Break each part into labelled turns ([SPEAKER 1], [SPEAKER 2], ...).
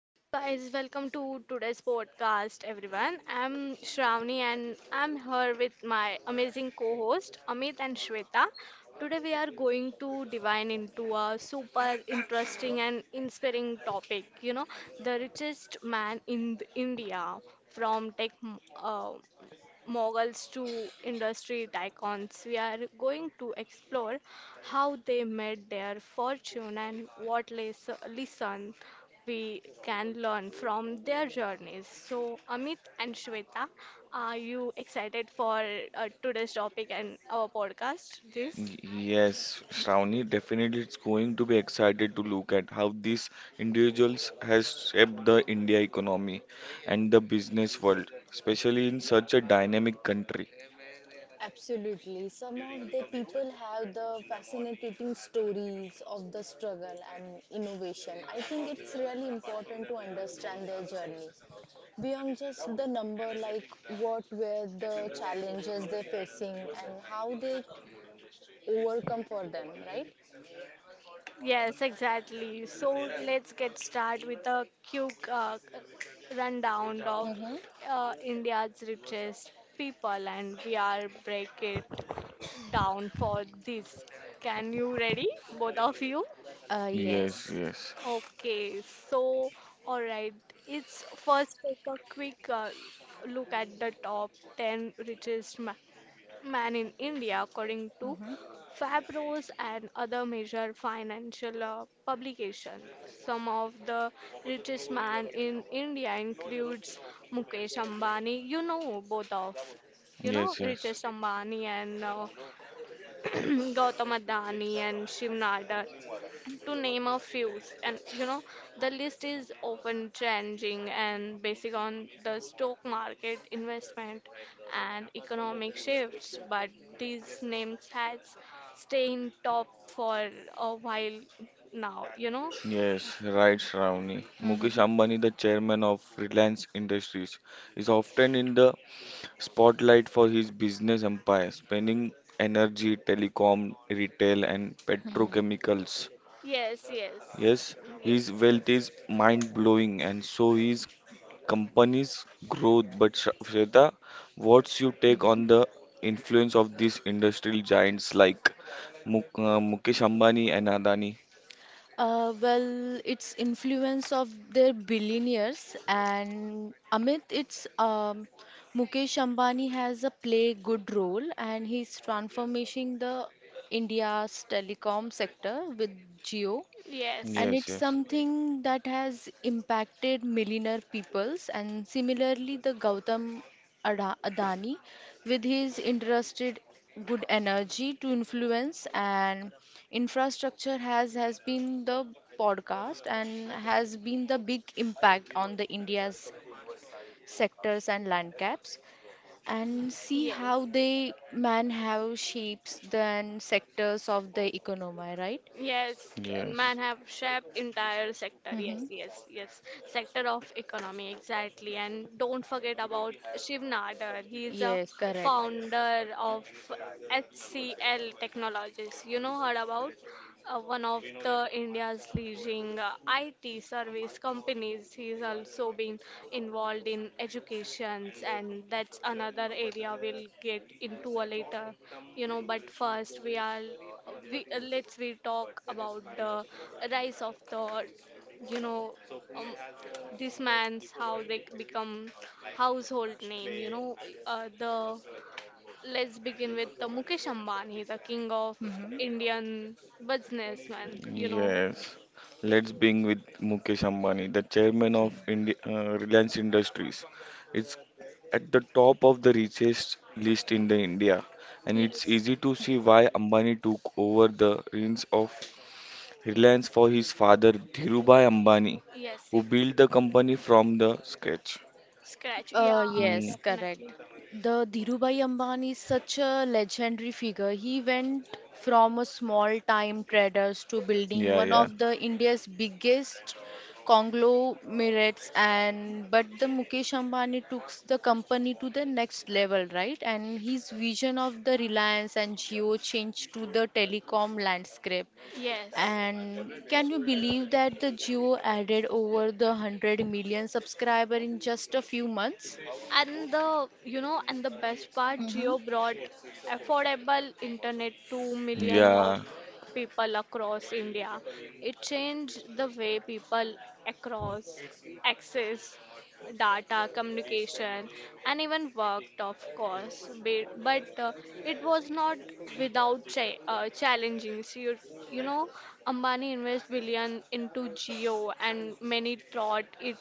[SPEAKER 1] Hello guys, welcome to today's podcast everyone. I'm Shravani and I'm here with my amazing co-host Amit and Shweta. Today we are going to divine into a super interesting and inspiring topic, the richest man in the India from tech uh, moguls to industry icons. We are going to explore how they made their fortune and what lesson we can learn from their journeys. So, Amit and Shweta, are you excited for today's topic and our podcast? This?
[SPEAKER 2] Yes, Shravani, definitely it's going to be excited to look at how these individuals has shaped the India economy and the business world, especially in such a dynamic country.
[SPEAKER 3] Absolutely. Some of the people have the fascinating stories of the struggle and innovation. I think it's really important to understand their journey beyond just the number, like what were the challenges they're facing and how they overcome for them, right?
[SPEAKER 1] Yes, exactly. So let's get started with a quick rundown of
[SPEAKER 3] Mm-hmm.
[SPEAKER 1] India's richest people, and we are break it down for this. Can you ready, both of you?
[SPEAKER 2] Yes,
[SPEAKER 3] Yes.
[SPEAKER 2] yes,
[SPEAKER 1] Okay, so all right, it's first take a quick look at the top 10 richest ma man in India according to
[SPEAKER 3] Mm-hmm.
[SPEAKER 1] Fabros and other major financial publication. Some of the richest man in India includes Mukesh Ambani. You know both of, you know
[SPEAKER 2] yes, yes,
[SPEAKER 1] Richest Ambani and Gautama Adani and Shiv Nadar, to name a few. And you know, the list is often changing and based on the stock market investment and economic shifts. But these names has stayed in top for a while now. You know?
[SPEAKER 2] yes, right, Shravani. Mukesh
[SPEAKER 3] Mm-hmm.
[SPEAKER 2] Ambani, the chairman of Reliance Industries, is often in the spotlight for his business empire, spanning energy, telecom, retail, and petrochemicals.
[SPEAKER 1] Yes, yes,
[SPEAKER 2] Yes, his
[SPEAKER 1] yes,
[SPEAKER 2] wealth is mind blowing, and so his company's growth. But Shweta, what's your take
[SPEAKER 3] Mm-hmm.
[SPEAKER 2] on the influence of these industrial giants like Mukesh Ambani and Adani?
[SPEAKER 3] Well, it's influence of their billionaires and Amit, it's Mukesh Ambani has a play good role and he's transforming the India's telecom sector with Geo,
[SPEAKER 1] yes,
[SPEAKER 3] and
[SPEAKER 2] Yes,
[SPEAKER 3] it's
[SPEAKER 2] yes,
[SPEAKER 3] something that has impacted millionaire peoples. And similarly, the Gautam Adani with his interested good energy to influence and infrastructure has been the podcast, and has been the big impact on the India's sectors and land caps, and see
[SPEAKER 1] yes.
[SPEAKER 3] how they man have shapes then sectors of the economy, right?
[SPEAKER 1] Yes, man
[SPEAKER 2] yes,
[SPEAKER 1] have shaped entire sector. Yes,
[SPEAKER 3] Hmm.
[SPEAKER 1] yes, yes. Sector of economy, exactly. And don't forget about Shiv Nadar. He is a
[SPEAKER 3] Yes, correct.
[SPEAKER 1] founder of HCL Technologies. You know, heard about one of the India's leading IT service companies. He's also been involved in educations, and that's another area we'll get into a later. You know, but first we are we let's we talk about the rise of the you know um, this man's how they become household name you know the let's begin with the Mukesh Ambani the king of
[SPEAKER 3] Mm-hmm.
[SPEAKER 1] Indian businessman you know
[SPEAKER 2] yes, let's begin with Mukesh Ambani, the chairman of
[SPEAKER 3] Okay.
[SPEAKER 2] Indi Reliance Industries. It's at the top of the richest list in the India, and it's
[SPEAKER 1] yes
[SPEAKER 2] easy to see why Ambani took over the reins of Reliance for his father Dhirubhai Ambani,
[SPEAKER 1] yes
[SPEAKER 2] who
[SPEAKER 1] yes
[SPEAKER 2] built the company from the scratch.
[SPEAKER 1] scratch yeah
[SPEAKER 3] Yes,
[SPEAKER 2] Mm,
[SPEAKER 1] definitely
[SPEAKER 3] correct. The Dhirubhai Ambani is such a legendary figure. He went from a small-time traders to building
[SPEAKER 2] yeah,
[SPEAKER 3] one
[SPEAKER 2] yeah,
[SPEAKER 3] of the India's biggest conglomerates, and but the Mukesh Ambani took the company to the next level, right? And his vision of the Reliance and Jio changed to the telecom landscape.
[SPEAKER 1] yes.
[SPEAKER 3] And can you believe that the Geo added over the 100 million subscriber in just a few months?
[SPEAKER 1] And the, you know, and the best part,
[SPEAKER 3] Mm-hmm.
[SPEAKER 1] Geo brought affordable internet to million of
[SPEAKER 2] yeah,
[SPEAKER 1] people across India. It changed the way people across access data, communication, and even worked, of course. But it was not without challenging. So you know, Ambani invested billion into Geo, and many thought it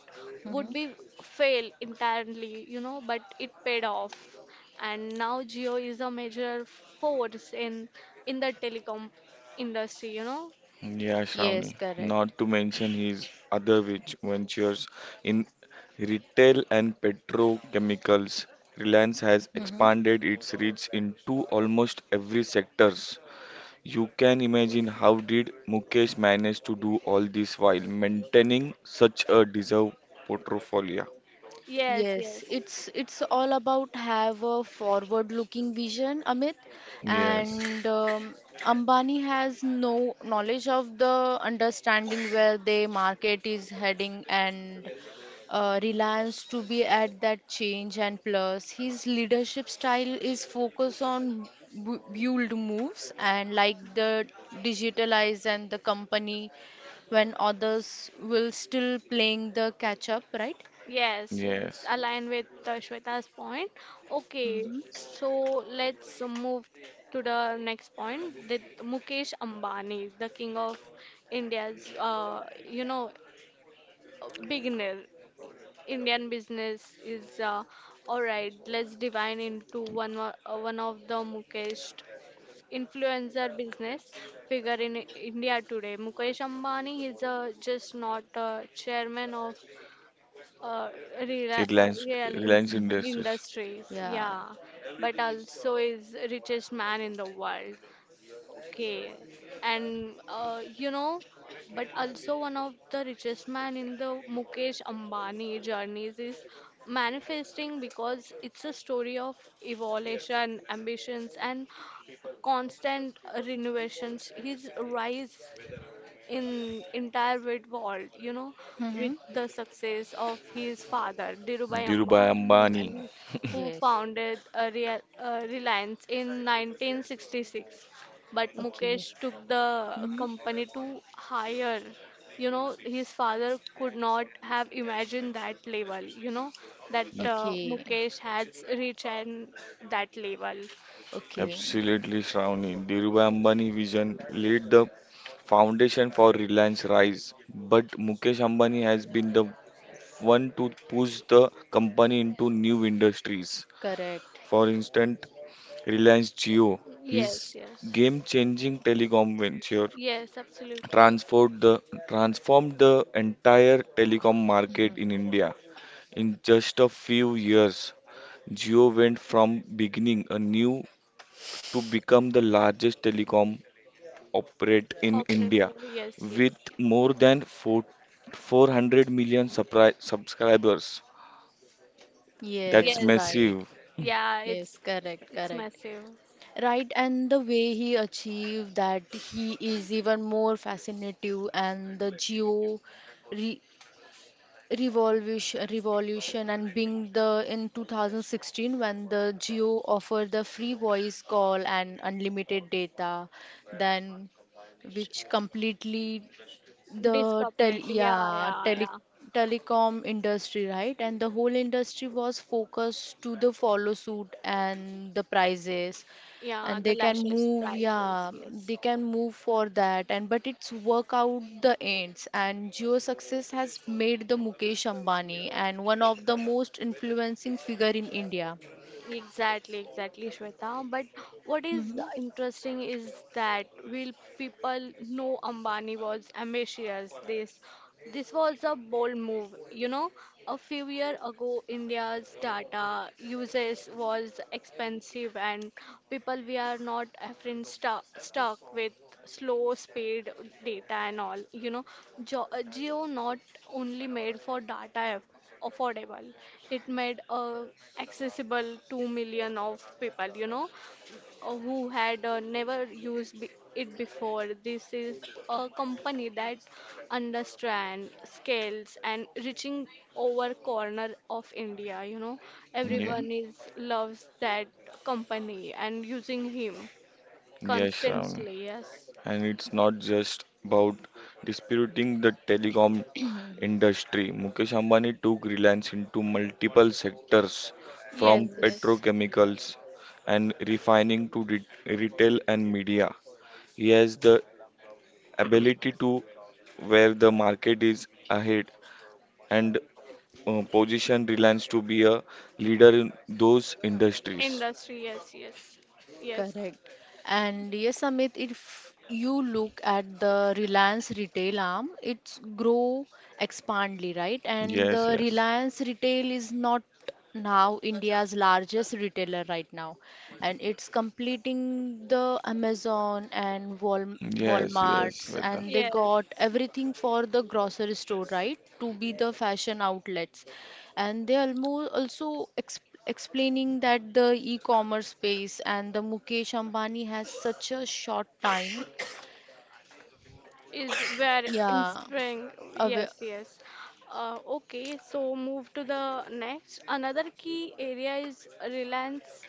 [SPEAKER 1] would
[SPEAKER 3] Mm-hmm.
[SPEAKER 1] be fail entirely, you know, but it paid off. And now Geo is a major force in the telecom industry, you know.
[SPEAKER 2] yeah,
[SPEAKER 3] Yes,
[SPEAKER 2] Shravani,
[SPEAKER 3] correct.
[SPEAKER 2] not to mention his other rich ventures in retail and petrochemicals. Reliance has
[SPEAKER 3] Mm-hmm.
[SPEAKER 2] expanded its reach into almost every sectors. You can imagine how did Mukesh manage to do all this while maintaining such a deserved portfolio.
[SPEAKER 1] Yes,
[SPEAKER 3] Yes,
[SPEAKER 1] yes.
[SPEAKER 3] it's all about have a forward-looking vision, Amit,
[SPEAKER 2] Yes,
[SPEAKER 3] and Ambani has no knowledge of the understanding where the market is heading, and reliance to be at that change. And plus, his leadership style is focused on bold moves, and like the digitalize and the company when others will still playing the catch up, right?
[SPEAKER 1] Yes, yes,
[SPEAKER 2] yes.
[SPEAKER 1] align with Shweta's point. Okay, so let's move to the next point. That Mukesh Ambani, the king of India's, beginner Indian business is all right. Let's divide into one of the Mukesh influencer business figure in India today. Mukesh Ambani is just not a chairman of uh, rela- uh,
[SPEAKER 2] Reliance,
[SPEAKER 1] real in-
[SPEAKER 2] Reliance
[SPEAKER 3] Mm-hmm.
[SPEAKER 2] Industries,
[SPEAKER 1] industries,
[SPEAKER 3] Yeah.
[SPEAKER 1] yeah, but also is richest man in the world. Okay, and you know, but also one of the richest man in the Mukesh Ambani journeys is manifesting because it's a story of evolution, ambitions, and constant renovations. His rise in entire wide world, you know,
[SPEAKER 3] Mm-hmm.
[SPEAKER 1] with the success of his father, Dhirubhai
[SPEAKER 2] Dhirubhai Ambani.
[SPEAKER 1] Ambani, who
[SPEAKER 3] Yes.
[SPEAKER 1] founded a Reliance in 1966. But
[SPEAKER 3] Okay.
[SPEAKER 1] Mukesh took the
[SPEAKER 3] Mm-hmm.
[SPEAKER 1] company to higher. You know, his father could not have imagined that level, you know, that
[SPEAKER 2] Ye-
[SPEAKER 3] Okay.
[SPEAKER 1] Mukesh has reached and that level.
[SPEAKER 3] Okay.
[SPEAKER 2] Absolutely, Shravani. Dhirubhai Ambani vision laid the foundation for Reliance rise, but Mukesh Ambani has been the one to push the company into new industries.
[SPEAKER 3] Correct.
[SPEAKER 2] For instance, Reliance Jio,
[SPEAKER 1] Yes,
[SPEAKER 2] his
[SPEAKER 1] yes.
[SPEAKER 2] game-changing telecom venture
[SPEAKER 1] Yes, absolutely.
[SPEAKER 2] transformed the, transformed the entire telecom market in India. In just a few years, Jio went from beginning a new to become the largest telecom operate in India
[SPEAKER 1] Operator, yes, yes.
[SPEAKER 2] with more than 400 million subscribers. That's
[SPEAKER 3] Yes,
[SPEAKER 1] Yes.
[SPEAKER 3] right.
[SPEAKER 2] massive.
[SPEAKER 1] Yeah,
[SPEAKER 3] Yes, correct,
[SPEAKER 1] it's
[SPEAKER 3] correct.
[SPEAKER 1] massive.
[SPEAKER 3] Right, and the way he achieved that he is even more fascinating. And the geo re revolution revolution, and being the in 2016 when the Geo offered the free voice call and unlimited data, then
[SPEAKER 1] Sh-
[SPEAKER 3] which completely the tel
[SPEAKER 1] Discovered. Yeah,
[SPEAKER 3] yeah,
[SPEAKER 1] yeah, yeah.
[SPEAKER 3] telecom industry, right? And the whole industry was focused to the follow suit and the prices,
[SPEAKER 1] Yeah,
[SPEAKER 3] and
[SPEAKER 1] the
[SPEAKER 3] they can
[SPEAKER 1] lashes
[SPEAKER 3] move
[SPEAKER 1] prices.
[SPEAKER 3] yeah,
[SPEAKER 1] Yes.
[SPEAKER 3] they can move for that. And but it's work out the ends, and Jio success has made the Mukesh Ambani and one of the most influencing figure in India.
[SPEAKER 1] Exactly, exactly, Shweta. But what is
[SPEAKER 3] Hmm.
[SPEAKER 1] interesting is that will people know Ambani was ambitious. This was a bold move. You know, a few years ago, India's data uses was expensive, and people we are not often stuck with slow speed data and all. You know, Geo not only made for data affordable, it made a accessible to million of people you know who had never used it before this is a company that understand scales and reaching over corner of india you know
[SPEAKER 2] Yeah.
[SPEAKER 3] Mm-hmm.
[SPEAKER 1] everyone is loves that company and using him
[SPEAKER 2] Yes, Ram.
[SPEAKER 1] constantly yes
[SPEAKER 2] And it's not just about disputing the telecom industry. Mukesh Ambani took Reliance into multiple sectors
[SPEAKER 1] yes
[SPEAKER 2] from
[SPEAKER 3] Yes.
[SPEAKER 1] yes
[SPEAKER 2] petrochemicals and refining to retail and media. He has the ability to where the market is ahead and position Reliance to be a leader in those industries.
[SPEAKER 1] industry yes yes yes
[SPEAKER 3] Correct. And yes, Amit, if you look at the Reliance retail arm, it's grow expandly, right? And
[SPEAKER 2] Yes,
[SPEAKER 3] the
[SPEAKER 2] yes.
[SPEAKER 3] Reliance retail is not now India's largest retailer right now, and it's completing the Amazon and Wal
[SPEAKER 2] Yes, yes,
[SPEAKER 3] Walmarts,
[SPEAKER 2] Vedha.
[SPEAKER 3] and they
[SPEAKER 1] yes
[SPEAKER 3] got everything for the grocery store, right? To be the fashion outlets. And they almost also ex explaining that the e-commerce space, and the Mukesh Ambani has such a short time.
[SPEAKER 1] is where in
[SPEAKER 3] Yeah.
[SPEAKER 1] spring
[SPEAKER 3] Awa
[SPEAKER 1] yes yes. Okay so move to the next another key area is reliance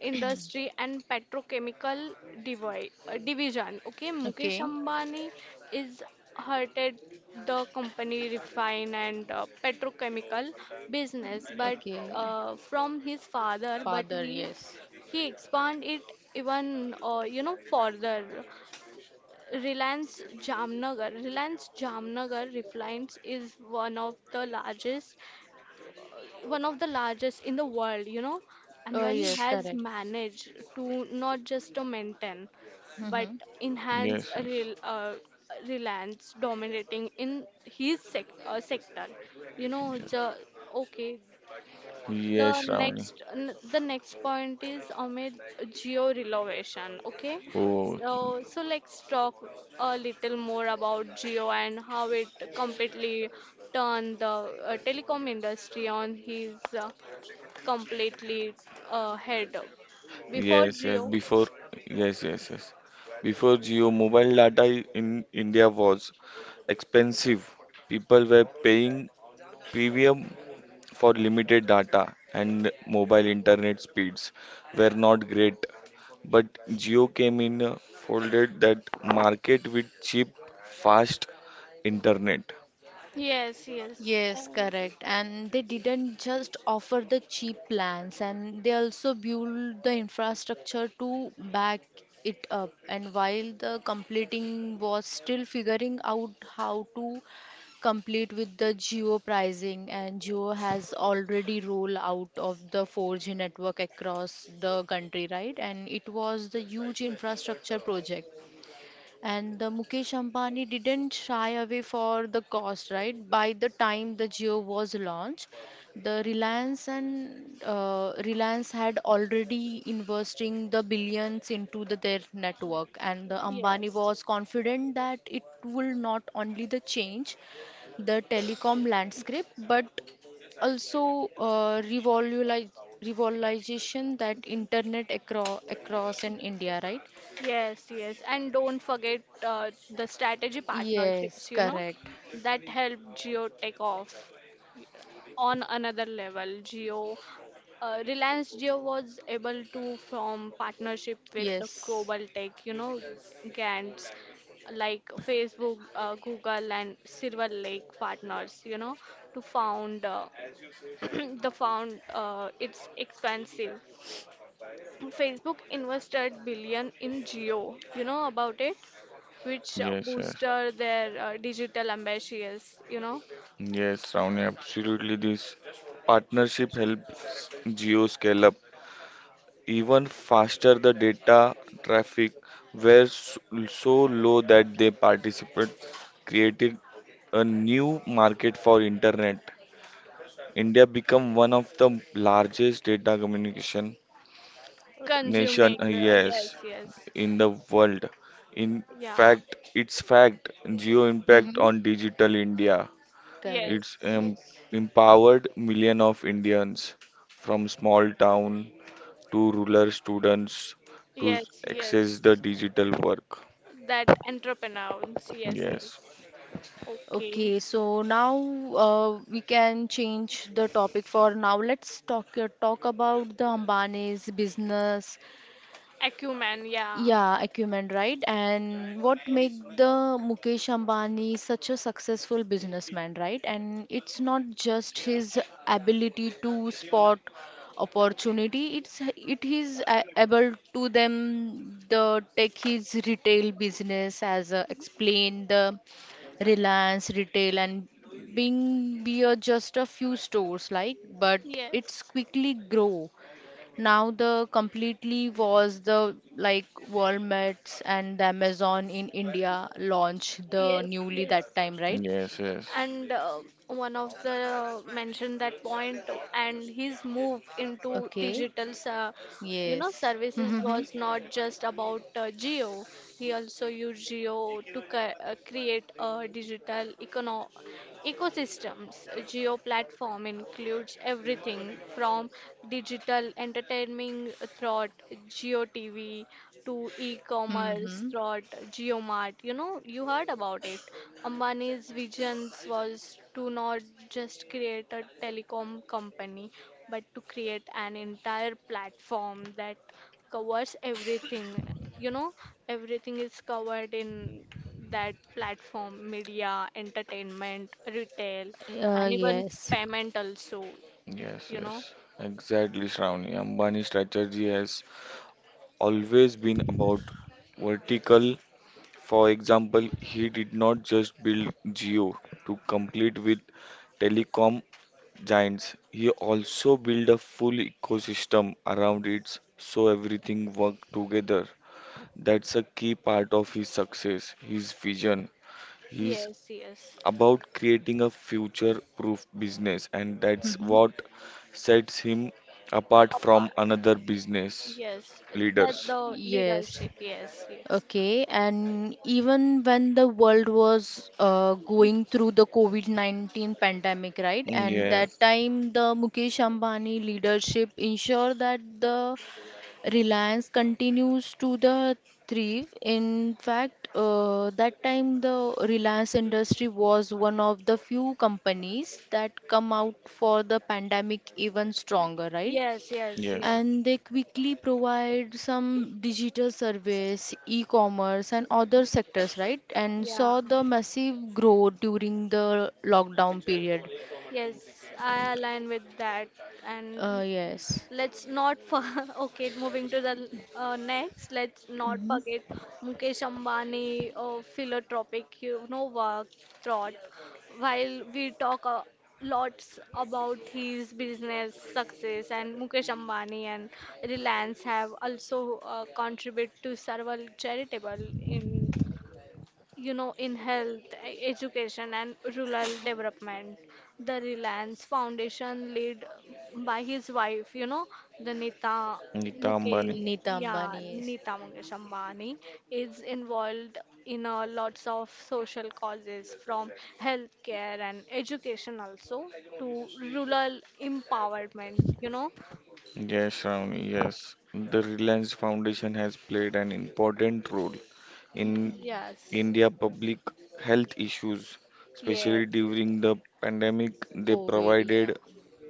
[SPEAKER 1] industry and petrochemical division okay mukesh
[SPEAKER 3] Okay.
[SPEAKER 1] ambani is hurted the company refine and petrochemical business but
[SPEAKER 3] Okay.
[SPEAKER 1] from his father but
[SPEAKER 3] Father, yes.
[SPEAKER 1] he expand it even further Reliance Jamnagar. Reliance Jamnagar Refines is one of the largest, one of the largest in the world, you know.
[SPEAKER 3] Oh,
[SPEAKER 1] Ambani
[SPEAKER 3] yes,
[SPEAKER 1] has
[SPEAKER 3] correct.
[SPEAKER 1] managed to not just to maintain, but
[SPEAKER 3] Mm-hmm.
[SPEAKER 1] enhance
[SPEAKER 2] Yes,
[SPEAKER 1] a
[SPEAKER 2] yes.
[SPEAKER 1] Reliance dominating in his sector. You know,
[SPEAKER 2] Yes,
[SPEAKER 1] the okay,
[SPEAKER 2] yes, Shravani.
[SPEAKER 1] the next point is Amit geo relevation. Okay,
[SPEAKER 2] Oh,
[SPEAKER 1] so so let's talk a little more about geo and how it completely turned the telecom industry on his completely head. Before
[SPEAKER 2] yes, yes.
[SPEAKER 1] geo,
[SPEAKER 2] Before, yes, yes, yes. Before Jio, mobile data in India was expensive. People were paying premium for limited data, and mobile internet speeds were not great. But Jio came in, folded that market with cheap, fast internet.
[SPEAKER 1] yes, yes. uh,
[SPEAKER 3] Yes, correct. And they didn't just offer the cheap plans, and they also built the infrastructure to back it up. And while the completing was still figuring out how to complete with the geo pricing, and Geo has already rolled out of the 4G network across the country, right? And it was the huge infrastructure project, and the Mukesh Ambani didn't shy away for the cost, right? By the time the Jio was launched, the Reliance had already investing the billions into their network. And the Ambani
[SPEAKER 1] yes,
[SPEAKER 3] was confident that it will not only the change the telecom landscape, but also revolutionize revolutionization that internet across in India, right?
[SPEAKER 1] yes, yes, and don't forget the strategy
[SPEAKER 3] Yes,
[SPEAKER 1] partnerships, you know,
[SPEAKER 3] correct.
[SPEAKER 1] that help Geo take off on another level. Reliance Geo was able to form partnership with the
[SPEAKER 3] Yes.
[SPEAKER 1] global tech, you know, giants like Facebook, Google, and Silver Lake partners, you know, to found the found it's expensive Facebook invested billion in Geo. You know about it, which
[SPEAKER 2] Yes, yes,
[SPEAKER 1] boosted their digital ambitious. You know,
[SPEAKER 2] yes, Ravni, absolutely. This partnership helps Jio scale up even faster, the data traffic were so low that they participate created a new market for internet. India became one of the largest data communication nation,
[SPEAKER 1] consuming.
[SPEAKER 2] yes,
[SPEAKER 1] Yes, yes,
[SPEAKER 2] in the world. In
[SPEAKER 1] yeah,
[SPEAKER 2] fact, its fact, geo impact
[SPEAKER 3] Mm-hmm.
[SPEAKER 2] on digital India. It's
[SPEAKER 3] Correct.
[SPEAKER 1] yes,
[SPEAKER 3] Yes.
[SPEAKER 2] empowered million of Indians from small town to rural students to
[SPEAKER 1] yes,
[SPEAKER 2] access the
[SPEAKER 1] yes.
[SPEAKER 2] digital work.
[SPEAKER 1] That entrepreneurs. Yes,
[SPEAKER 2] Yes,
[SPEAKER 1] yes. Okay.
[SPEAKER 3] Okay, so now we can change the topic for now. Let's talk about the Ambani's business.
[SPEAKER 1] Acumen. Yeah.
[SPEAKER 3] Yeah, acumen, right? And what make the Mukesh Ambani such a successful businessman, right? And it's not just his ability to spot opportunity, it is able to them the take his retail business as a, explain the Reliance retail, and being be a just a few stores like, but it's
[SPEAKER 1] Yes.
[SPEAKER 3] quickly grow now. The completely was the like World Mets and the Amazon in India launched the
[SPEAKER 1] Yes.
[SPEAKER 3] newly that
[SPEAKER 1] Yes.
[SPEAKER 3] time, right?
[SPEAKER 2] yes, yes,
[SPEAKER 1] And one of the mentioned that point and his move into
[SPEAKER 3] Okay.
[SPEAKER 1] digital
[SPEAKER 3] Yes.
[SPEAKER 1] services
[SPEAKER 3] Mm-hmm.
[SPEAKER 1] was not just about geo he also used geo to create a digital econo. Ecosystems geo platform includes everything from digital entertainment through geo TV to e-commerce
[SPEAKER 3] Mm-hmm.
[SPEAKER 1] through GeoMart. You know, you heard about it. Ambani's vision was to not just create a telecom company, but to create an entire platform that covers everything you know everything is covered in that platform media entertainment retail and even
[SPEAKER 3] Yes.
[SPEAKER 1] payment also
[SPEAKER 2] yes,
[SPEAKER 1] you know
[SPEAKER 2] yes. Exactly, Shravani. Ambani's strategy has always been about vertical. For example, he did not just build Geo to compete with telecom giants. He also built a full ecosystem around it so everything worked together. That's a key part of his success, his vision, his
[SPEAKER 1] yes yes
[SPEAKER 2] about creating a future proof business, and that's
[SPEAKER 3] Mm-hmm.
[SPEAKER 2] what sets him apart
[SPEAKER 1] apart
[SPEAKER 2] from another business
[SPEAKER 1] yes that
[SPEAKER 2] leaders.
[SPEAKER 1] the
[SPEAKER 3] Yes.
[SPEAKER 1] leadership yes yes
[SPEAKER 3] Okay. And even when the world was going through the COVID-19 pandemic, right? And that
[SPEAKER 2] Yes,
[SPEAKER 1] yes
[SPEAKER 3] time the Mukesh Ambani leadership ensured that the Reliance continues to the thrive. In fact, that time the Reliance industry was one of the few companies that come out for the pandemic even stronger, right?
[SPEAKER 1] yes yes
[SPEAKER 2] yes,
[SPEAKER 1] yes
[SPEAKER 3] And they quickly provide some digital service, e-commerce, and other sectors, right? And
[SPEAKER 1] yeah
[SPEAKER 3] saw the massive growth during the lockdown period.
[SPEAKER 1] yes I align with that and.
[SPEAKER 3] Yes.
[SPEAKER 1] Let's not for okay, moving to the next. Let's not
[SPEAKER 3] Hmm.
[SPEAKER 1] forget Mukesh Ambani, philanthropic, you know, work thought. While we talk lots about his business success, and Mukesh Ambani and Reliance have also contributed to several charitable in you know, in health, education, and rural development. The Reliance Foundation, led by his wife, you know, the Nita
[SPEAKER 2] Nita Ambani.
[SPEAKER 1] Mukesh,
[SPEAKER 3] Neeta
[SPEAKER 1] yeah,
[SPEAKER 3] Ambani, yes.
[SPEAKER 1] Nita Mukesh Ambani, is involved in lots of social causes from healthcare and education also to rural empowerment, you know.
[SPEAKER 2] Yes, Shravani, yes. The Reliance Foundation has played an important role in
[SPEAKER 1] Yes,
[SPEAKER 2] India public health issues,
[SPEAKER 1] yes,
[SPEAKER 2] especially
[SPEAKER 1] yes.
[SPEAKER 2] during the pandemic. They
[SPEAKER 3] COVID, yeah.
[SPEAKER 2] provided,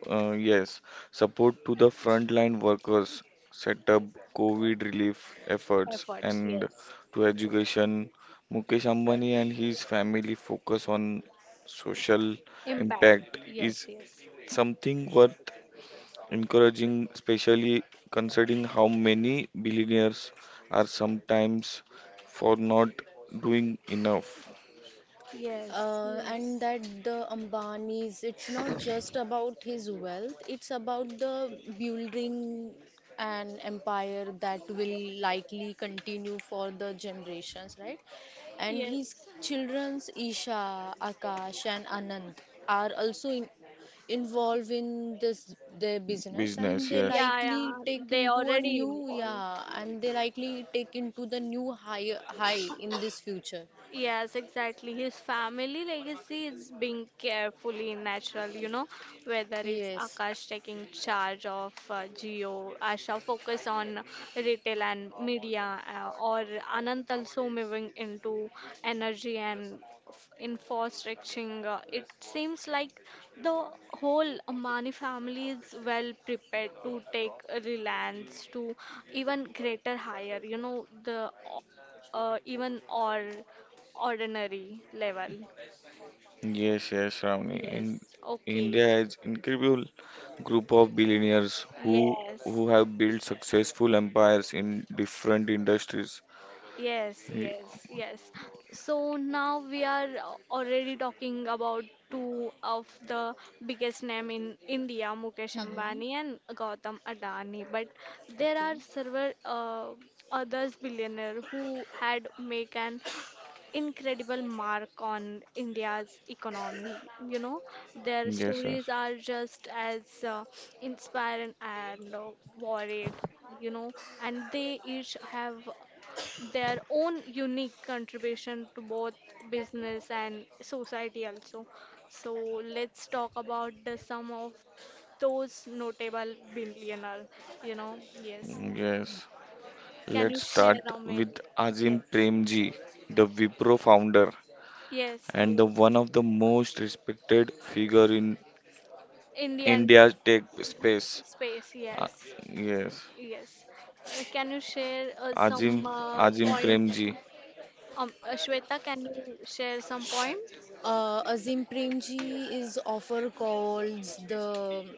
[SPEAKER 2] uh, yes, support to the frontline workers, set up COVID relief efforts,
[SPEAKER 1] Efforts,
[SPEAKER 2] and
[SPEAKER 1] yes.
[SPEAKER 2] to education. Mukesh Ambani and his family focus on social
[SPEAKER 1] Impact,
[SPEAKER 2] impact
[SPEAKER 1] yes,
[SPEAKER 2] is
[SPEAKER 1] yes.
[SPEAKER 2] something worth encouraging, especially considering how many billionaires are sometimes for not doing enough
[SPEAKER 1] Yes,
[SPEAKER 3] And
[SPEAKER 1] yes.
[SPEAKER 3] that the Ambani's, it's not just about his wealth, it's about the building an empire that will likely continue for the generations, right? And his
[SPEAKER 1] Yes.
[SPEAKER 3] children's Isha, Akash, and Anand are also involved in this their business. And
[SPEAKER 2] business.
[SPEAKER 3] they
[SPEAKER 2] Yes,
[SPEAKER 1] Yeah,
[SPEAKER 3] likely
[SPEAKER 1] yeah.
[SPEAKER 3] take
[SPEAKER 1] They
[SPEAKER 3] into a
[SPEAKER 1] already
[SPEAKER 3] new
[SPEAKER 1] involved.
[SPEAKER 3] yeah, and they likely take into the new high in this future.
[SPEAKER 1] Yes, exactly. His family legacy is being carefully natural, you know, whether it's
[SPEAKER 3] Yes.
[SPEAKER 1] Akash taking charge of Jio, Asha focus on retail and media, or Anant also moving into energy and infrastructure. It seems like the whole Ambani family is well prepared to take Reliance to even greater higher, you know, the even or ordinary level.
[SPEAKER 2] yes, yes, Ravni. In
[SPEAKER 1] Yes. Okay.
[SPEAKER 2] India has incredible group of billionaires who
[SPEAKER 1] Yes.
[SPEAKER 2] who have built successful empires in different industries.
[SPEAKER 1] Yes,
[SPEAKER 2] Y-
[SPEAKER 1] yes, yes. So now we are already talking about two of the biggest name in India, Mukesh
[SPEAKER 3] Mm-hmm.
[SPEAKER 1] Ambani and Gautam Adani. But there are
[SPEAKER 3] Okay.
[SPEAKER 1] several others billionaire who had make an incredible mark on India's economy. You know, their
[SPEAKER 2] Yes, yes,
[SPEAKER 1] stories are just as inspiring and worried you know and they each have their own unique contribution to both business and society also. So let's talk about the some of those notable billionaire, you know. Yes.
[SPEAKER 2] yes.
[SPEAKER 1] Can
[SPEAKER 2] Let's
[SPEAKER 1] you
[SPEAKER 2] start
[SPEAKER 1] share Amit?
[SPEAKER 2] with Azim
[SPEAKER 1] Yes.
[SPEAKER 2] Premji, the Wipro founder,
[SPEAKER 1] Yes,
[SPEAKER 2] and the
[SPEAKER 1] yes.
[SPEAKER 2] one of the most respected figure in
[SPEAKER 1] Indian
[SPEAKER 2] India's tech space.
[SPEAKER 1] space,
[SPEAKER 2] Uh,
[SPEAKER 1] yes.
[SPEAKER 2] yes,
[SPEAKER 1] Yes. Can you share
[SPEAKER 2] Azim
[SPEAKER 1] some
[SPEAKER 2] Azim
[SPEAKER 1] point?
[SPEAKER 2] Premji.
[SPEAKER 1] Shweta, can you share some point?
[SPEAKER 3] Azim Premji is often called the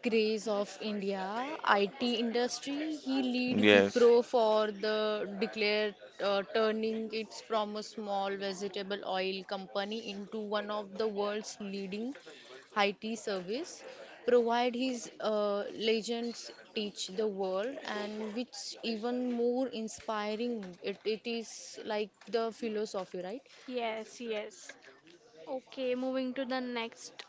[SPEAKER 3] grace of India IT industry. He lead
[SPEAKER 2] Yes,
[SPEAKER 3] Wipro for the declared turning it from a small vegetable oil company into one of the world's leading IT service. Provide his legends teach the world, and which even more inspiring. It is like the philosophy, right?
[SPEAKER 1] Yes, yes. Okay, moving to the next,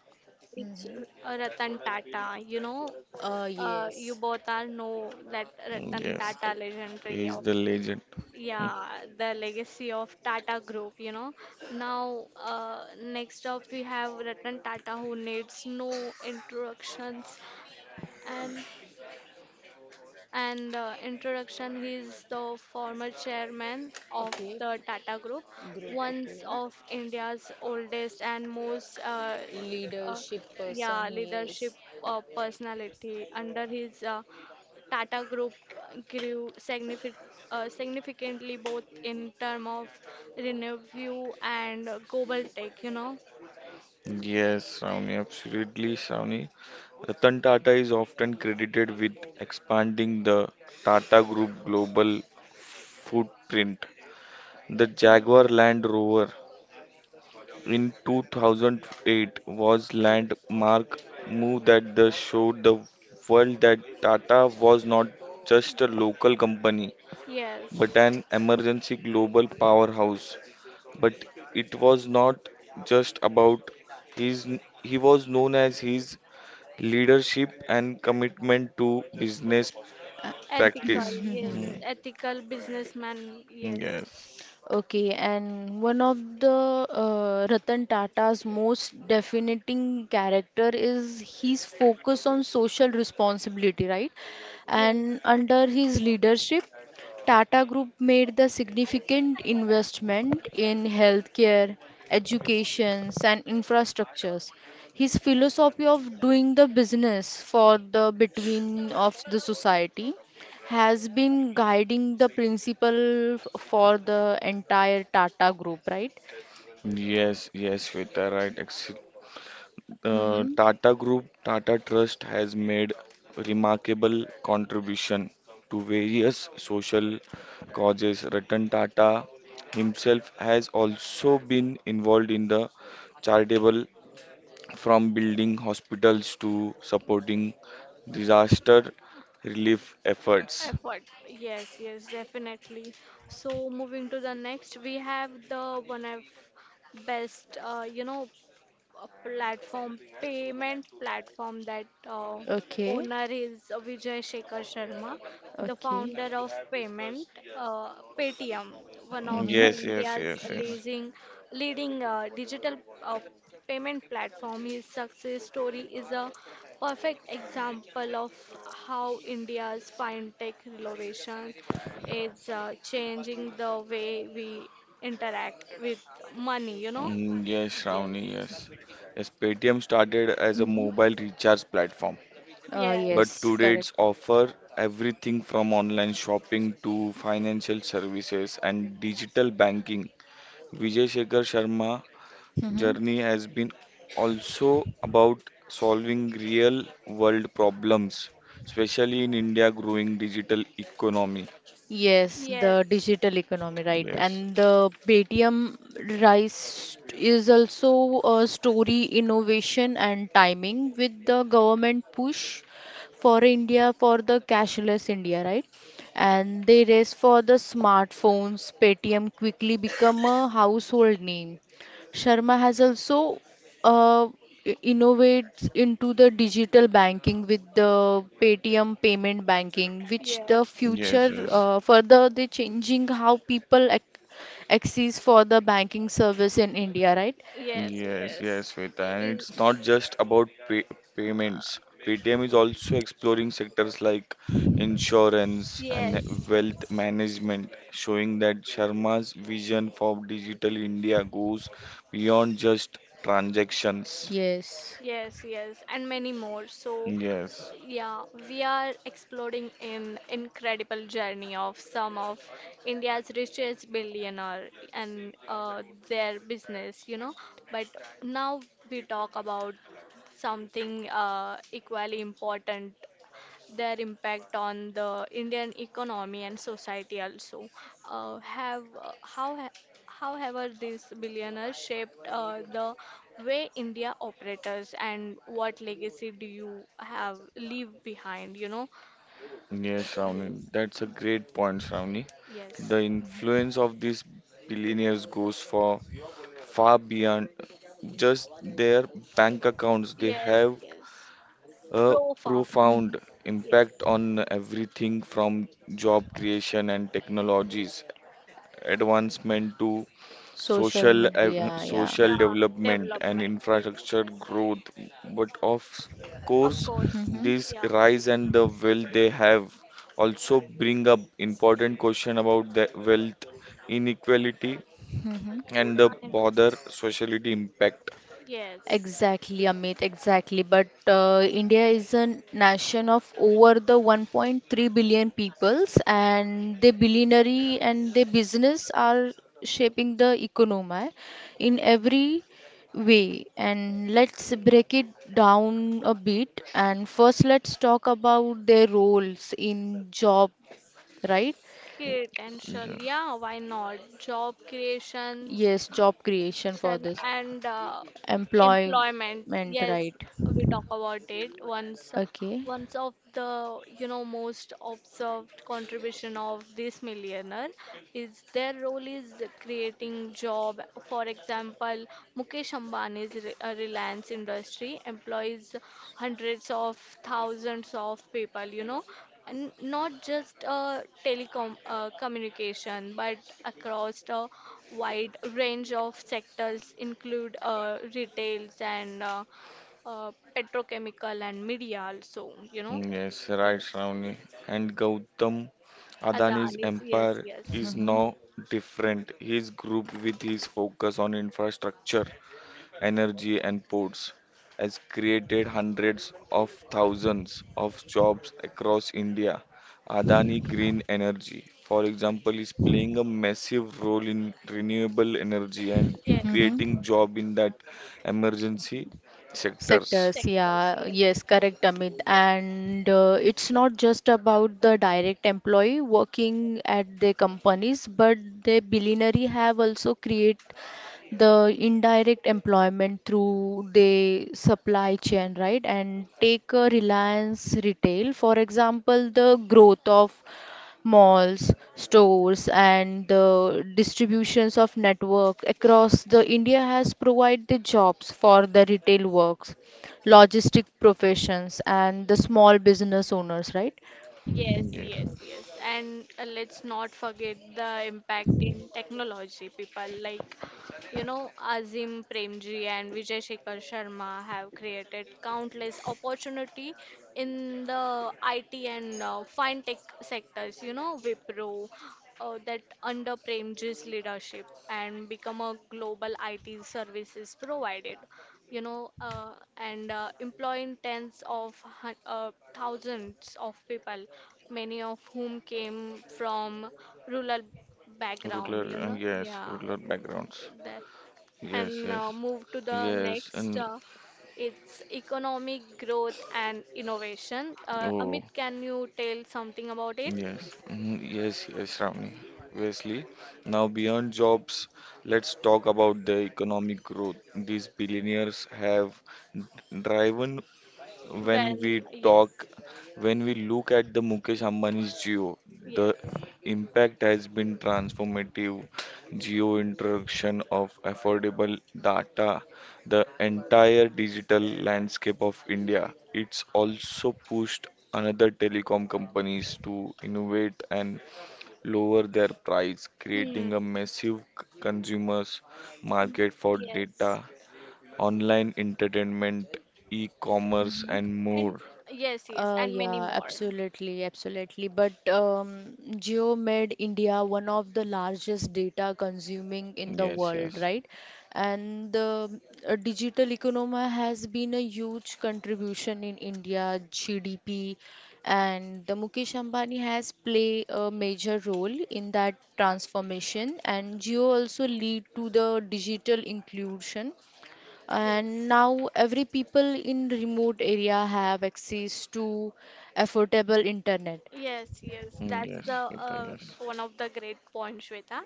[SPEAKER 1] it's
[SPEAKER 3] Mhm.
[SPEAKER 1] Ratan Tata. You know, you
[SPEAKER 3] Yes.
[SPEAKER 1] both are know that Ratan
[SPEAKER 2] yes,
[SPEAKER 3] Uh,
[SPEAKER 1] Tata legendary
[SPEAKER 2] he's
[SPEAKER 1] of,
[SPEAKER 2] the
[SPEAKER 3] ye-
[SPEAKER 2] legend. Hmm.
[SPEAKER 1] yeah, the legacy of Tata Group, you know. Now, next up we have Ratan Tata who needs no introductions and and introduction, he is the former chairman of
[SPEAKER 3] Okay,
[SPEAKER 1] the Tata Group,
[SPEAKER 3] group,
[SPEAKER 1] one
[SPEAKER 3] okay.
[SPEAKER 1] of India's oldest and most uh,
[SPEAKER 3] Leadership
[SPEAKER 1] yeah
[SPEAKER 3] person,
[SPEAKER 1] leadership
[SPEAKER 3] yes.
[SPEAKER 1] personality. Under his Tata Group grew significantly both in term of revenue and global tech. You know.
[SPEAKER 2] Yes, Shravani, absolutely, Shravani. Ratan Tata is often credited with expanding the Tata Group global footprint. The Jaguar
[SPEAKER 1] Yes.
[SPEAKER 2] Land Rover in 2008 was
[SPEAKER 3] Okay.
[SPEAKER 2] landmark move that the showed the world that Tata was not just a local company
[SPEAKER 1] Yes.
[SPEAKER 2] but an emergency global powerhouse. But it was not just about his he was known as his leadership and commitment to business practice.
[SPEAKER 1] Ethical.
[SPEAKER 3] Hmm, hmm, hmm.
[SPEAKER 2] Hmm.
[SPEAKER 1] Yes. Ethical businessman. Yes.
[SPEAKER 2] Yes.
[SPEAKER 3] Okay, and one of the Ratan Tata's most defining character is his focus on social responsibility, right? And
[SPEAKER 1] Yes.
[SPEAKER 3] under his leadership, Tata Group made the significant investment in healthcare, educations, and infrastructures. His philosophy of doing the business for the between of the society has been guiding the principle for the entire Tata group, right?
[SPEAKER 2] Yes, yes, Shweta, right.
[SPEAKER 3] Mm-hmm.
[SPEAKER 2] Tata Group, Tata Trust has made remarkable contribution to various social causes. Ratan Tata himself has also been involved in the charitable from building hospitals to supporting disaster relief efforts.
[SPEAKER 1] Effort. Yes, yes, definitely. So moving to the next, we have the one of best, a platform, payment platform that
[SPEAKER 3] Okay,
[SPEAKER 1] owner is Vijay Shekhar Sharma, the
[SPEAKER 3] okay.
[SPEAKER 1] founder of Payment, uh, Paytm, one of the
[SPEAKER 3] Mm-hmm.
[SPEAKER 2] Yes, yes,
[SPEAKER 1] India's
[SPEAKER 2] yes, yes.
[SPEAKER 1] leading digital uh, payment platform. His success story is a perfect example of how India's fintech innovation is changing the way we interact with money, you know?
[SPEAKER 2] Yes,
[SPEAKER 1] Yes.
[SPEAKER 2] Shravani, yes. Yes, Paytm started as a
[SPEAKER 3] Mm-hmm.
[SPEAKER 2] mobile recharge platform. But
[SPEAKER 3] Yes,
[SPEAKER 1] Yes,
[SPEAKER 2] today it's
[SPEAKER 3] correct.
[SPEAKER 2] offer everything from online shopping to financial services and digital banking. Vijay Shekhar Sharma
[SPEAKER 3] Mm-hmm.
[SPEAKER 2] journey has been also about solving real world problems, especially in India growing digital economy.
[SPEAKER 3] Yes, the
[SPEAKER 1] yes,
[SPEAKER 3] digital economy, right?
[SPEAKER 2] Yes,
[SPEAKER 3] And the Paytm Rise is also a story, innovation, and timing with the government push for India for the cashless India, right? And they race for the smartphones. Paytm quickly become a household name. Sharma has also uh, innovates into the digital banking with the Paytm payment banking, which the
[SPEAKER 1] yes,
[SPEAKER 2] yes,
[SPEAKER 3] future
[SPEAKER 2] yes.
[SPEAKER 3] further they changing how people ac access for the banking service in India, right?
[SPEAKER 1] yes,
[SPEAKER 2] Yes,
[SPEAKER 1] yes,
[SPEAKER 2] yes, Sweta.
[SPEAKER 1] I-
[SPEAKER 2] And
[SPEAKER 1] i-
[SPEAKER 2] it's not just about payments. Paytm is also exploring sectors like insurance and
[SPEAKER 1] yes,
[SPEAKER 2] wealth
[SPEAKER 1] yes,
[SPEAKER 2] management, showing that Sharma's vision for digital India goes beyond just transactions.
[SPEAKER 3] Yes.
[SPEAKER 1] yes, yes, and many more. So,
[SPEAKER 2] Yes,
[SPEAKER 1] yeah, we are exploring an incredible journey of some of India's richest billionaire and their business, you know. But now we talk about something equally important, their impact on the Indian economy and society also. Uh, have uh, how ha- However these billionaires shaped the way India operates, and what legacy do you have leave behind?
[SPEAKER 2] yes, Shravani.
[SPEAKER 1] Yes,
[SPEAKER 2] That's a great point, Shravani.
[SPEAKER 1] yes,
[SPEAKER 2] The influence of these billionaires goes for far beyond just their bank accounts. They
[SPEAKER 1] yes,
[SPEAKER 2] have
[SPEAKER 1] yes,
[SPEAKER 2] a
[SPEAKER 1] Profound,
[SPEAKER 2] profound
[SPEAKER 3] Mhm.
[SPEAKER 2] impact
[SPEAKER 1] yes,
[SPEAKER 2] on everything from job creation and technologies advancement to
[SPEAKER 3] Social media, yeah.
[SPEAKER 2] social
[SPEAKER 1] yeah,
[SPEAKER 2] development and
[SPEAKER 1] development,
[SPEAKER 2] infrastructure growth, but of
[SPEAKER 1] of
[SPEAKER 2] course
[SPEAKER 1] course,
[SPEAKER 3] Mm-hmm.
[SPEAKER 2] this
[SPEAKER 1] yeah,
[SPEAKER 2] rise and the wealth they have also bring up important question about the wealth inequality
[SPEAKER 3] Mm-hmm.
[SPEAKER 2] and the
[SPEAKER 1] I know,
[SPEAKER 2] broader sociality impact.
[SPEAKER 1] yes.
[SPEAKER 3] Exactly, Amit, exactly. But India is a nation of over the 1.3 billion peoples, and the billionaire and the business are shaping the economy in every way. And let's break it down a bit. And first, let's talk about their roles in job, right?
[SPEAKER 1] Potential, yeah, why not? Job creation
[SPEAKER 3] Yes, job creation for
[SPEAKER 1] shan-
[SPEAKER 3] this
[SPEAKER 1] and employment.
[SPEAKER 3] employment,
[SPEAKER 1] Yes,
[SPEAKER 3] right?
[SPEAKER 1] we talk about it once.
[SPEAKER 3] Okay.
[SPEAKER 1] One of the, most observed contribution of this millionaire is their role is creating job. For example, Mukesh Ambani's Reliance industry employs hundreds of thousands of people, you know, and not just telecom communication, but across the wide range of sectors, include retails and petrochemical and media also, you know.
[SPEAKER 2] Yes, right,
[SPEAKER 1] Yes.
[SPEAKER 2] Shravani. And Gautam Adani's
[SPEAKER 1] Adani's, yes,
[SPEAKER 2] empire
[SPEAKER 1] yes,
[SPEAKER 2] is
[SPEAKER 3] Mm-hmm.
[SPEAKER 2] no different. His group, with his focus on infrastructure, energy, and ports, has created hundreds of thousands of jobs across India. Adani Green Energy, for example, is playing a massive role in renewable energy and
[SPEAKER 1] yes,
[SPEAKER 3] Mm-hmm.
[SPEAKER 2] creating job in that emergency sectors.
[SPEAKER 3] Sectors,
[SPEAKER 1] sectors,
[SPEAKER 3] yeah,
[SPEAKER 1] yes.
[SPEAKER 3] yes, correct, Amit. And it's not just about the direct employee working at the companies, but the billionaire have also create the indirect employment through the supply chain, right? And take a Reliance Retail, for example, the growth of malls, stores, and the distributions of network across the India has provided the jobs for the retail works, logistic professions, and the small business owners, right?
[SPEAKER 1] Yes,
[SPEAKER 2] Yes.
[SPEAKER 1] yes, yes. And let's not forget the impact in technology. People like, you know, Azim Premji and Vijay Shekhar Sharma have created countless opportunity in the IT and fintech sectors, you know, Wipro, that under Premji's leadership and become a global IT services provided, you know, and employing tens of thousands of people, many of whom came from rural background, you know,
[SPEAKER 2] Yes,
[SPEAKER 1] yeah,
[SPEAKER 2] ruler backgrounds.
[SPEAKER 1] that,
[SPEAKER 2] Yes,
[SPEAKER 1] and
[SPEAKER 2] yes,
[SPEAKER 1] move to the
[SPEAKER 2] yes,
[SPEAKER 1] next.
[SPEAKER 2] and
[SPEAKER 1] It's economic growth and innovation.
[SPEAKER 2] oh,
[SPEAKER 1] Amit, can you tell something about it?
[SPEAKER 2] yes, mhm, yes, yes, Ravni. Wesley, now beyond jobs, let's talk about the economic growth. These billionaires have driven when we
[SPEAKER 1] When, yes,
[SPEAKER 2] talk, when we look at the Mukesh Ambani's Jio, the
[SPEAKER 1] yes.
[SPEAKER 2] impact has been transformative. Jio introduction of affordable data, the entire digital landscape of India. It's also pushed another telecom companies to innovate and lower their price,
[SPEAKER 1] Hmm.
[SPEAKER 2] creating a massive consumers
[SPEAKER 1] Mm,
[SPEAKER 2] market for
[SPEAKER 1] yes.
[SPEAKER 2] data online entertainment, e-commerce,
[SPEAKER 3] Mhm.
[SPEAKER 2] and
[SPEAKER 1] And
[SPEAKER 2] more.
[SPEAKER 1] yes, yes, and many
[SPEAKER 3] Yeah,
[SPEAKER 1] more.
[SPEAKER 3] absolutely, absolutely. But Jio made India one of the largest data consuming in the
[SPEAKER 2] Yes,
[SPEAKER 3] world,
[SPEAKER 2] yes.
[SPEAKER 3] right? And the digital economy has been a huge contribution in India GDP, and the Mukesh Ambani has played a major role in that transformation. And Jio also lead to the digital inclusion, and
[SPEAKER 1] Yes,
[SPEAKER 3] now every people in remote area have access to affordable internet.
[SPEAKER 1] yes, yes.
[SPEAKER 2] Mm,
[SPEAKER 1] That's
[SPEAKER 2] yes,
[SPEAKER 1] the
[SPEAKER 2] Sweta, yes,
[SPEAKER 1] one of the great points, Shweta.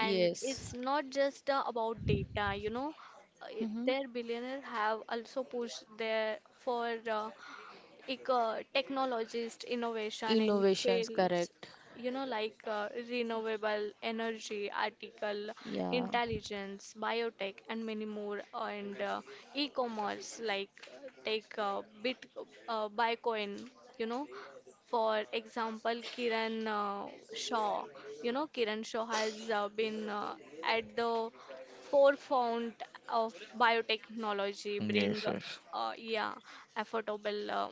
[SPEAKER 1] And it's not just about data, you know.
[SPEAKER 3] Hmm.
[SPEAKER 1] Their billionaire have also pushed their for eco technologist innovation in
[SPEAKER 3] Innovations,
[SPEAKER 1] fields,
[SPEAKER 3] correct.
[SPEAKER 1] you know, like renewable energy, article
[SPEAKER 3] Yeah.
[SPEAKER 1] intelligence, biotech, and many more, and e-commerce, like take bitcoin, you know. For example, kiran shaw, you know, kiran shaw has been at the forefront of biotechnology,
[SPEAKER 2] Mm,
[SPEAKER 1] bring
[SPEAKER 2] yes, yes,
[SPEAKER 1] yeah, affordable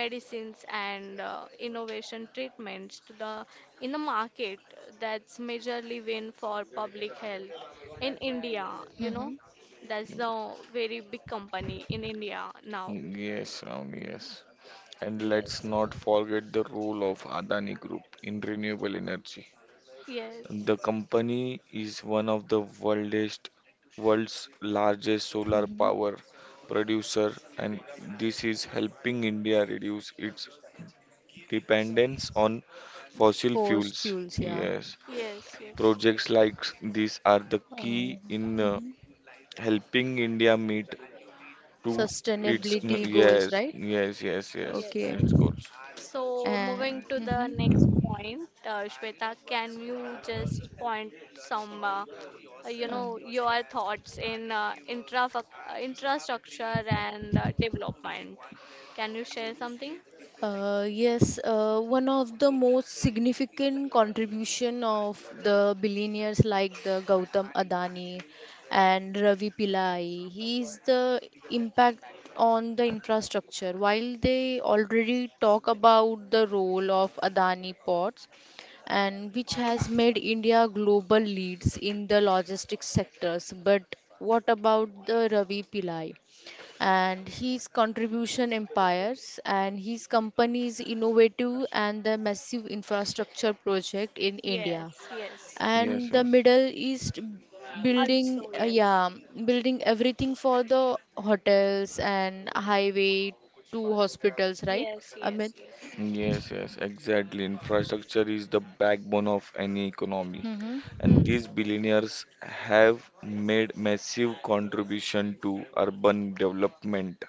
[SPEAKER 1] medicines and innovation treatments to the in the market. That's majorly win for public health in India. You know,
[SPEAKER 3] Hmm.
[SPEAKER 1] that's the very big company in India now.
[SPEAKER 2] Mm, Yes, Ravani, yes. And let's
[SPEAKER 1] Yes.
[SPEAKER 2] not forget the role of Adani Group in renewable energy.
[SPEAKER 1] Yes,
[SPEAKER 2] The company is one of the world's largest solar
[SPEAKER 3] Hmm.
[SPEAKER 2] power producer, and this is helping India reduce its dependence on fossil
[SPEAKER 3] Forced
[SPEAKER 2] fuels.
[SPEAKER 3] fuels, yeah.
[SPEAKER 2] Yes,
[SPEAKER 1] yes, yes.
[SPEAKER 2] projects like these are the
[SPEAKER 3] Uh,
[SPEAKER 2] key in
[SPEAKER 3] mhm.
[SPEAKER 2] helping India meet to its
[SPEAKER 3] Sustainability goals, right?
[SPEAKER 2] yes,
[SPEAKER 1] Yes,
[SPEAKER 3] Okay,
[SPEAKER 2] its
[SPEAKER 1] yes.
[SPEAKER 2] goals.
[SPEAKER 1] So moving
[SPEAKER 3] and
[SPEAKER 1] to the next
[SPEAKER 3] mhm.
[SPEAKER 1] point, Shweta, can you just point some, you
[SPEAKER 3] Uh,
[SPEAKER 1] know, your thoughts in intra infrastructure and development? Can you share something?
[SPEAKER 3] yes, one of the most significant contribution of the billionaires like the Gautam Adani and Ravi Pillai, he is the impact on the infrastructure. While they already talk about the role of Adani ports, and which has
[SPEAKER 1] Yes,
[SPEAKER 3] made India global leads in the logistics sectors, but what about the Ravi Pillai? And his contribution empires and his company's innovative and the massive infrastructure project in India
[SPEAKER 1] yes, yes.
[SPEAKER 2] Yes,
[SPEAKER 3] and the
[SPEAKER 2] yes.
[SPEAKER 3] Middle East, building
[SPEAKER 1] Also, yes,
[SPEAKER 3] yeah, building everything for the hotels and highway to hospitals, right,
[SPEAKER 1] yes,
[SPEAKER 3] Amit?
[SPEAKER 1] yes, yes.
[SPEAKER 2] Yes, yes, exactly. Infrastructure is the backbone of any economy,
[SPEAKER 3] Mm-hmm.
[SPEAKER 2] and
[SPEAKER 1] Hmm.
[SPEAKER 2] these billionaires have made massive contribution to urban development.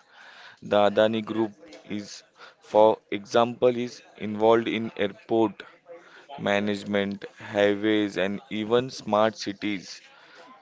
[SPEAKER 2] The Adani Group is, For example, is involved in airport management, highways, and even smart cities.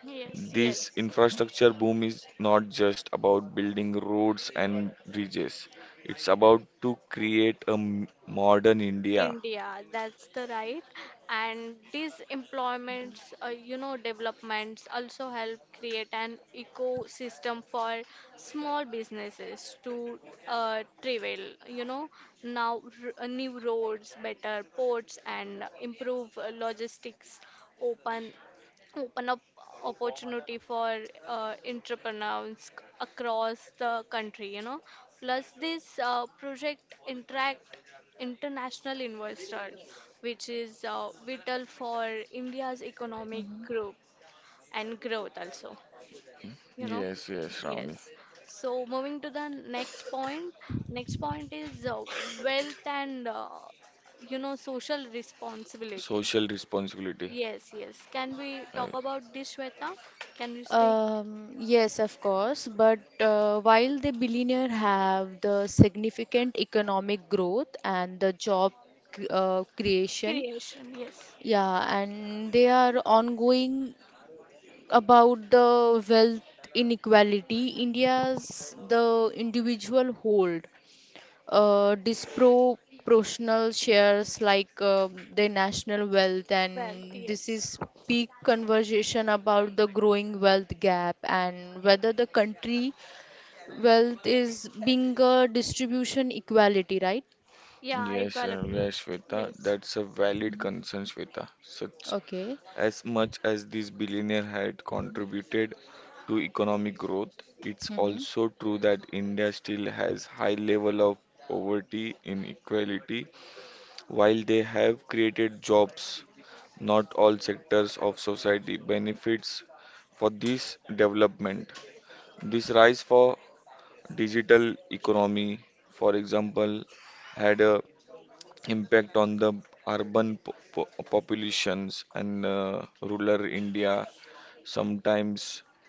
[SPEAKER 1] Yes,
[SPEAKER 2] This
[SPEAKER 1] yes.
[SPEAKER 2] infrastructure boom is not just about building roads and bridges, it's about to create a modern India.
[SPEAKER 1] India, that's the right. And these employments, you know, developments also help create an ecosystem for small businesses to travel, you know, now new roads, better ports, and improve logistics, open open up opportunity for entrepreneurs across the country, you know. Plus this project interact international investor, which is vital for India's economic
[SPEAKER 3] Mm-hmm.
[SPEAKER 1] growth and growth also. You know,
[SPEAKER 2] Yes, yes, Ravni.
[SPEAKER 1] yes. So moving to the next point. Next point is wealth and, you know, social responsibility.
[SPEAKER 2] Social responsibility.
[SPEAKER 1] Yes, yes. Can we
[SPEAKER 2] Uh,
[SPEAKER 1] talk about this, Shweta? Can we speak
[SPEAKER 3] Yes, of course. But while the billionaire have the significant economic growth and the job creation,
[SPEAKER 1] creation? Yes.
[SPEAKER 3] yeah, and they are ongoing about the wealth inequality. India's the individual hold disproportional shares like their national wealth,
[SPEAKER 1] Wealth,
[SPEAKER 3] and this
[SPEAKER 1] yes.
[SPEAKER 3] is peak conversation about the growing wealth gap and whether the country wealth is being a distribution equality, right?
[SPEAKER 1] Yeah, I well believe.
[SPEAKER 2] yes, Shweta,
[SPEAKER 1] Yes.
[SPEAKER 2] that's a valid
[SPEAKER 3] Mhm.
[SPEAKER 2] concern, Shweta. Such
[SPEAKER 3] Okay.
[SPEAKER 2] as much as this billionaire had contributed to economic growth, it's
[SPEAKER 3] Mm-hmm.
[SPEAKER 2] also true that India still has high level of poverty inequality. While they have created jobs, not all sectors of society benefits for this development. This rise for digital economy, for example, had a impact on the urban populations and rural India sometimes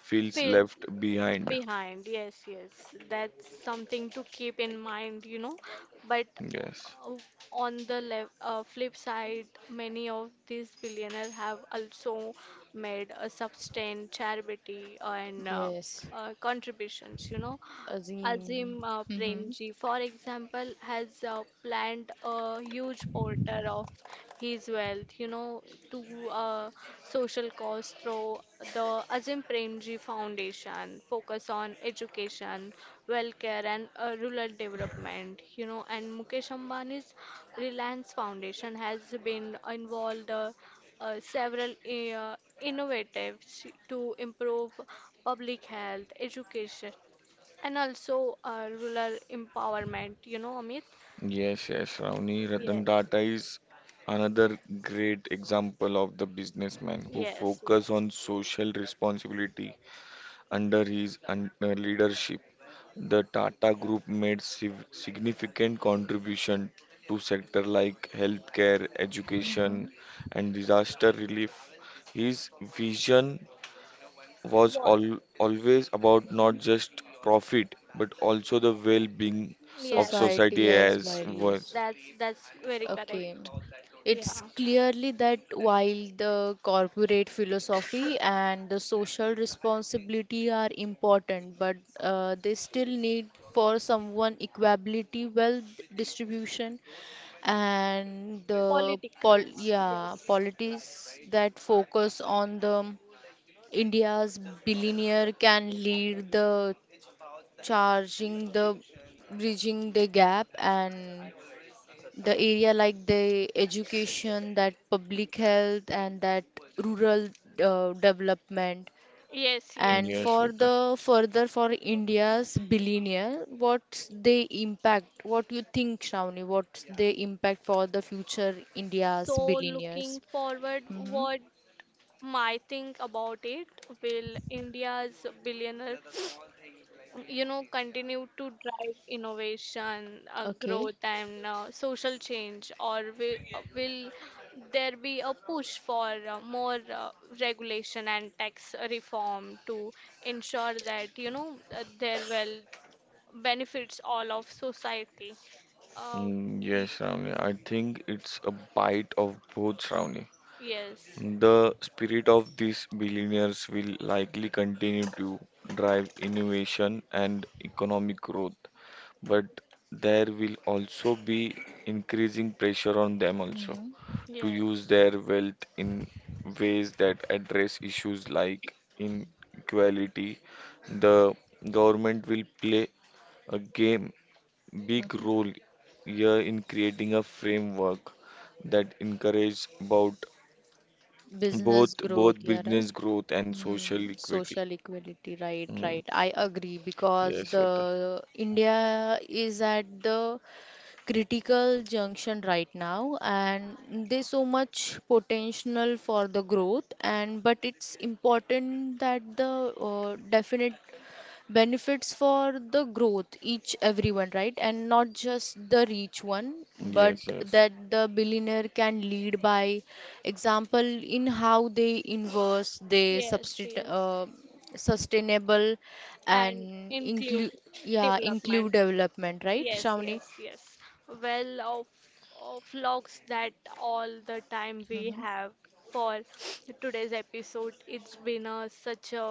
[SPEAKER 2] feels
[SPEAKER 1] Fail
[SPEAKER 2] left behind.
[SPEAKER 1] behind, yes, yes, that's something to keep in mind, you know. But
[SPEAKER 2] Yes,
[SPEAKER 1] o- on the lev flip side, many of these billionaires have also made a substantial charity and
[SPEAKER 3] Yes.
[SPEAKER 1] contributions, you know.
[SPEAKER 3] Azim.
[SPEAKER 1] Azim
[SPEAKER 3] Mm-hmm.
[SPEAKER 1] Premji, for example, has planned a huge portion of his wealth, you know, to uh, social cause through the Azim Premji Foundation, focus on education, welfare, and rural development, you know. And Mukesh Ambani's Reliance Foundation has been involved several innovatives to improve public health, education, and also rural empowerment, you know, Amit?
[SPEAKER 2] yes, yes. Ravni Ratan
[SPEAKER 1] Yes,
[SPEAKER 2] Tata is another great example of the businessman who
[SPEAKER 1] yes,
[SPEAKER 2] focus
[SPEAKER 1] yes.
[SPEAKER 2] on social responsibility under his leadership. The Tata Group made significant contribution to sector like healthcare, education,
[SPEAKER 3] Mhm.
[SPEAKER 2] and disaster relief. His vision was
[SPEAKER 1] Wall.
[SPEAKER 2] always about not just profit but also the well-being of
[SPEAKER 1] Yes,
[SPEAKER 3] Society
[SPEAKER 2] society
[SPEAKER 3] as
[SPEAKER 1] yes.
[SPEAKER 2] as
[SPEAKER 3] well,
[SPEAKER 2] was.
[SPEAKER 3] yes.
[SPEAKER 1] That's very
[SPEAKER 3] Okay.
[SPEAKER 1] correct. Yeah.
[SPEAKER 3] It's clearly that while the corporate philosophy and the social responsibility are important, but they still need for someone equality, wealth distribution, and the pol yeah, policies that focus on the India's billionaire can lead the charging the bridging the gap and the area like the education, that public health, and that rural development.
[SPEAKER 1] Yes,
[SPEAKER 3] And
[SPEAKER 1] yes,
[SPEAKER 2] Yes,
[SPEAKER 3] for
[SPEAKER 1] yes.
[SPEAKER 2] Vita.
[SPEAKER 3] the further for India's billionaire, what's the impact? What you think, Shravani? What's the impact for the future
[SPEAKER 1] So
[SPEAKER 3] India's billionaires?
[SPEAKER 1] looking forward,
[SPEAKER 3] Mm-hmm.
[SPEAKER 1] what my think about it, will india's billionaire, you know, continue to drive innovation,
[SPEAKER 3] Okay.
[SPEAKER 1] growth, and social change, or will there be a push for more regulation and tax reform to ensure that, you know, their wealth benefits all of society, uh, y-
[SPEAKER 2] Yes, Ravni. I think it's a bite of both, Ravni.
[SPEAKER 1] yes,
[SPEAKER 2] The spirit of these billionaires will likely continue to drive innovation and economic growth, but there will also be increasing pressure on them also
[SPEAKER 3] Mm-hmm.
[SPEAKER 2] to use
[SPEAKER 1] yes,
[SPEAKER 2] their wealth in ways that address issues like inequality. The government will play a game big
[SPEAKER 3] Mm-hmm.
[SPEAKER 2] role here in creating a framework that encourages about
[SPEAKER 3] Business
[SPEAKER 2] both
[SPEAKER 3] growth,
[SPEAKER 2] both
[SPEAKER 3] yeah, right?
[SPEAKER 2] business growth and social
[SPEAKER 3] Hmm,
[SPEAKER 2] equity.
[SPEAKER 3] social equality, right,
[SPEAKER 2] Mm.
[SPEAKER 3] right. I agree because
[SPEAKER 2] Yes, Shweta.
[SPEAKER 3] the India is at the critical junction right now, and there's so much potential for the growth, and but it's important that the definite benefits for the growth each everyone, right, and not just the rich one, but
[SPEAKER 2] Yes, yes.
[SPEAKER 3] that the billionaire can lead by example in how they invest they
[SPEAKER 1] yes,
[SPEAKER 3] substitute
[SPEAKER 1] yes,
[SPEAKER 3] sustainable and
[SPEAKER 1] and include
[SPEAKER 3] include yeah, include
[SPEAKER 1] development.
[SPEAKER 3] development, right,
[SPEAKER 1] Yes,
[SPEAKER 3] Shravani?
[SPEAKER 1] yes, yes. Well, of vlogs that all the time we
[SPEAKER 3] Mhm.
[SPEAKER 1] have for today's episode. It's been a, such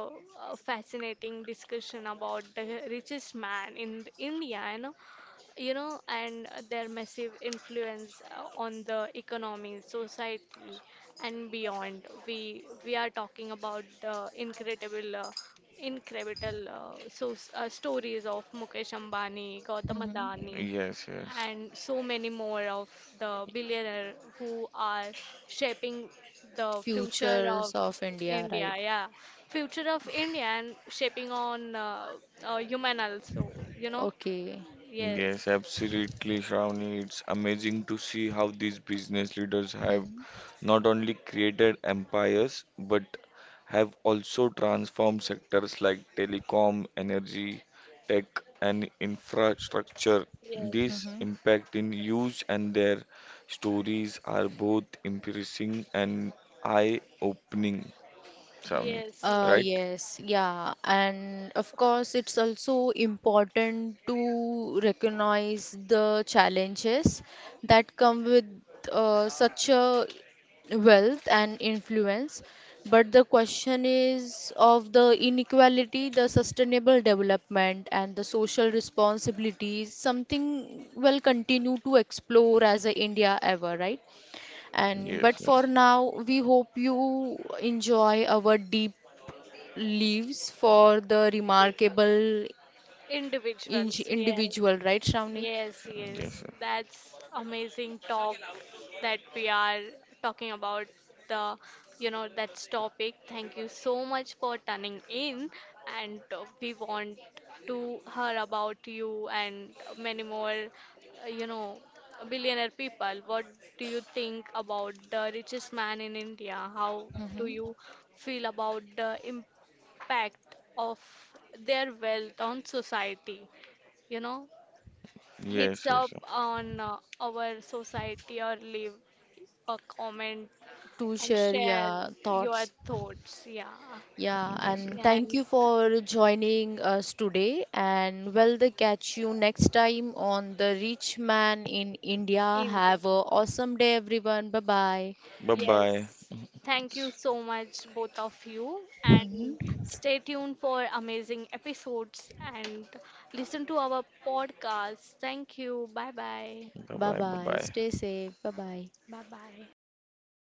[SPEAKER 1] a fascinating discussion about the richest man in India, and you know, and their massive influence on the economy, society, and beyond. We are talking about the incredible stories of Mukesh Ambani, Gautam
[SPEAKER 3] Mhm.
[SPEAKER 1] Adani,
[SPEAKER 2] Yes, yes.
[SPEAKER 1] and so many more of the billionaire who are shaping the future of
[SPEAKER 3] Futures of India,
[SPEAKER 1] India.
[SPEAKER 3] right?
[SPEAKER 1] Yeah, future of India and shaping on human also. You know,
[SPEAKER 3] Okay.
[SPEAKER 2] Yes,
[SPEAKER 1] yes.
[SPEAKER 2] absolutely, Shravani. It's amazing to see how these business leaders have
[SPEAKER 3] Mhm.
[SPEAKER 2] not only created empires but have also transformed sectors like telecom, energy, tech, and infrastructure. This
[SPEAKER 1] Yes,
[SPEAKER 3] Mhm.
[SPEAKER 2] impact in huge, and their stories are both impressive and eye-opening, Shravani.
[SPEAKER 1] yes, yes,
[SPEAKER 2] Right?
[SPEAKER 3] Yes, yeah, and of
[SPEAKER 1] of
[SPEAKER 3] course,
[SPEAKER 1] course.
[SPEAKER 3] it's also important to recognize the challenges that come with such a wealth and influence. But the question is of the inequality, the sustainable development, and the social responsibilities, something will continue to explore as a India ever, right? And
[SPEAKER 2] Yes,
[SPEAKER 3] but for
[SPEAKER 2] yes,
[SPEAKER 3] now, we hope you enjoy our deep leaves for the remarkable
[SPEAKER 1] Individuals, yes.
[SPEAKER 3] individual, right, Shravani?
[SPEAKER 1] Yes,
[SPEAKER 2] yes,
[SPEAKER 1] yes,
[SPEAKER 2] yes,
[SPEAKER 1] that's amazing talk that we are talking about the, you know, that's topic. Thank you so much for turning in, and we want to hear about you and many more, you know, billionaire people. What do you think about the richest man in India? How do
[SPEAKER 3] Hmm.
[SPEAKER 1] you feel about the impact of their wealth on society? You know? Hits
[SPEAKER 2] yes,
[SPEAKER 1] up
[SPEAKER 2] yes,
[SPEAKER 1] on our society, or leave a comment
[SPEAKER 3] To
[SPEAKER 1] and
[SPEAKER 3] share,
[SPEAKER 1] share
[SPEAKER 3] your
[SPEAKER 1] your
[SPEAKER 3] thoughts.
[SPEAKER 1] thoughts. Yeah,
[SPEAKER 3] Yeah,
[SPEAKER 2] yes.
[SPEAKER 3] and
[SPEAKER 2] yes.
[SPEAKER 3] thank
[SPEAKER 1] and
[SPEAKER 3] you for joining us today. And well, they catch you next time on The Rich Man in India.
[SPEAKER 1] India.
[SPEAKER 3] Have a awesome day, everyone. Bye bye.
[SPEAKER 2] Bye bye.
[SPEAKER 1] Yes. Thank you so much, both of you, and
[SPEAKER 3] Hmm.
[SPEAKER 1] stay tuned for amazing episodes and listen to our podcast. Thank you. Bye bye.
[SPEAKER 2] Bye
[SPEAKER 3] Bye
[SPEAKER 2] bye. Bye
[SPEAKER 3] bye. Stay
[SPEAKER 2] bye.
[SPEAKER 3] safe. Bye bye.
[SPEAKER 1] Bye bye.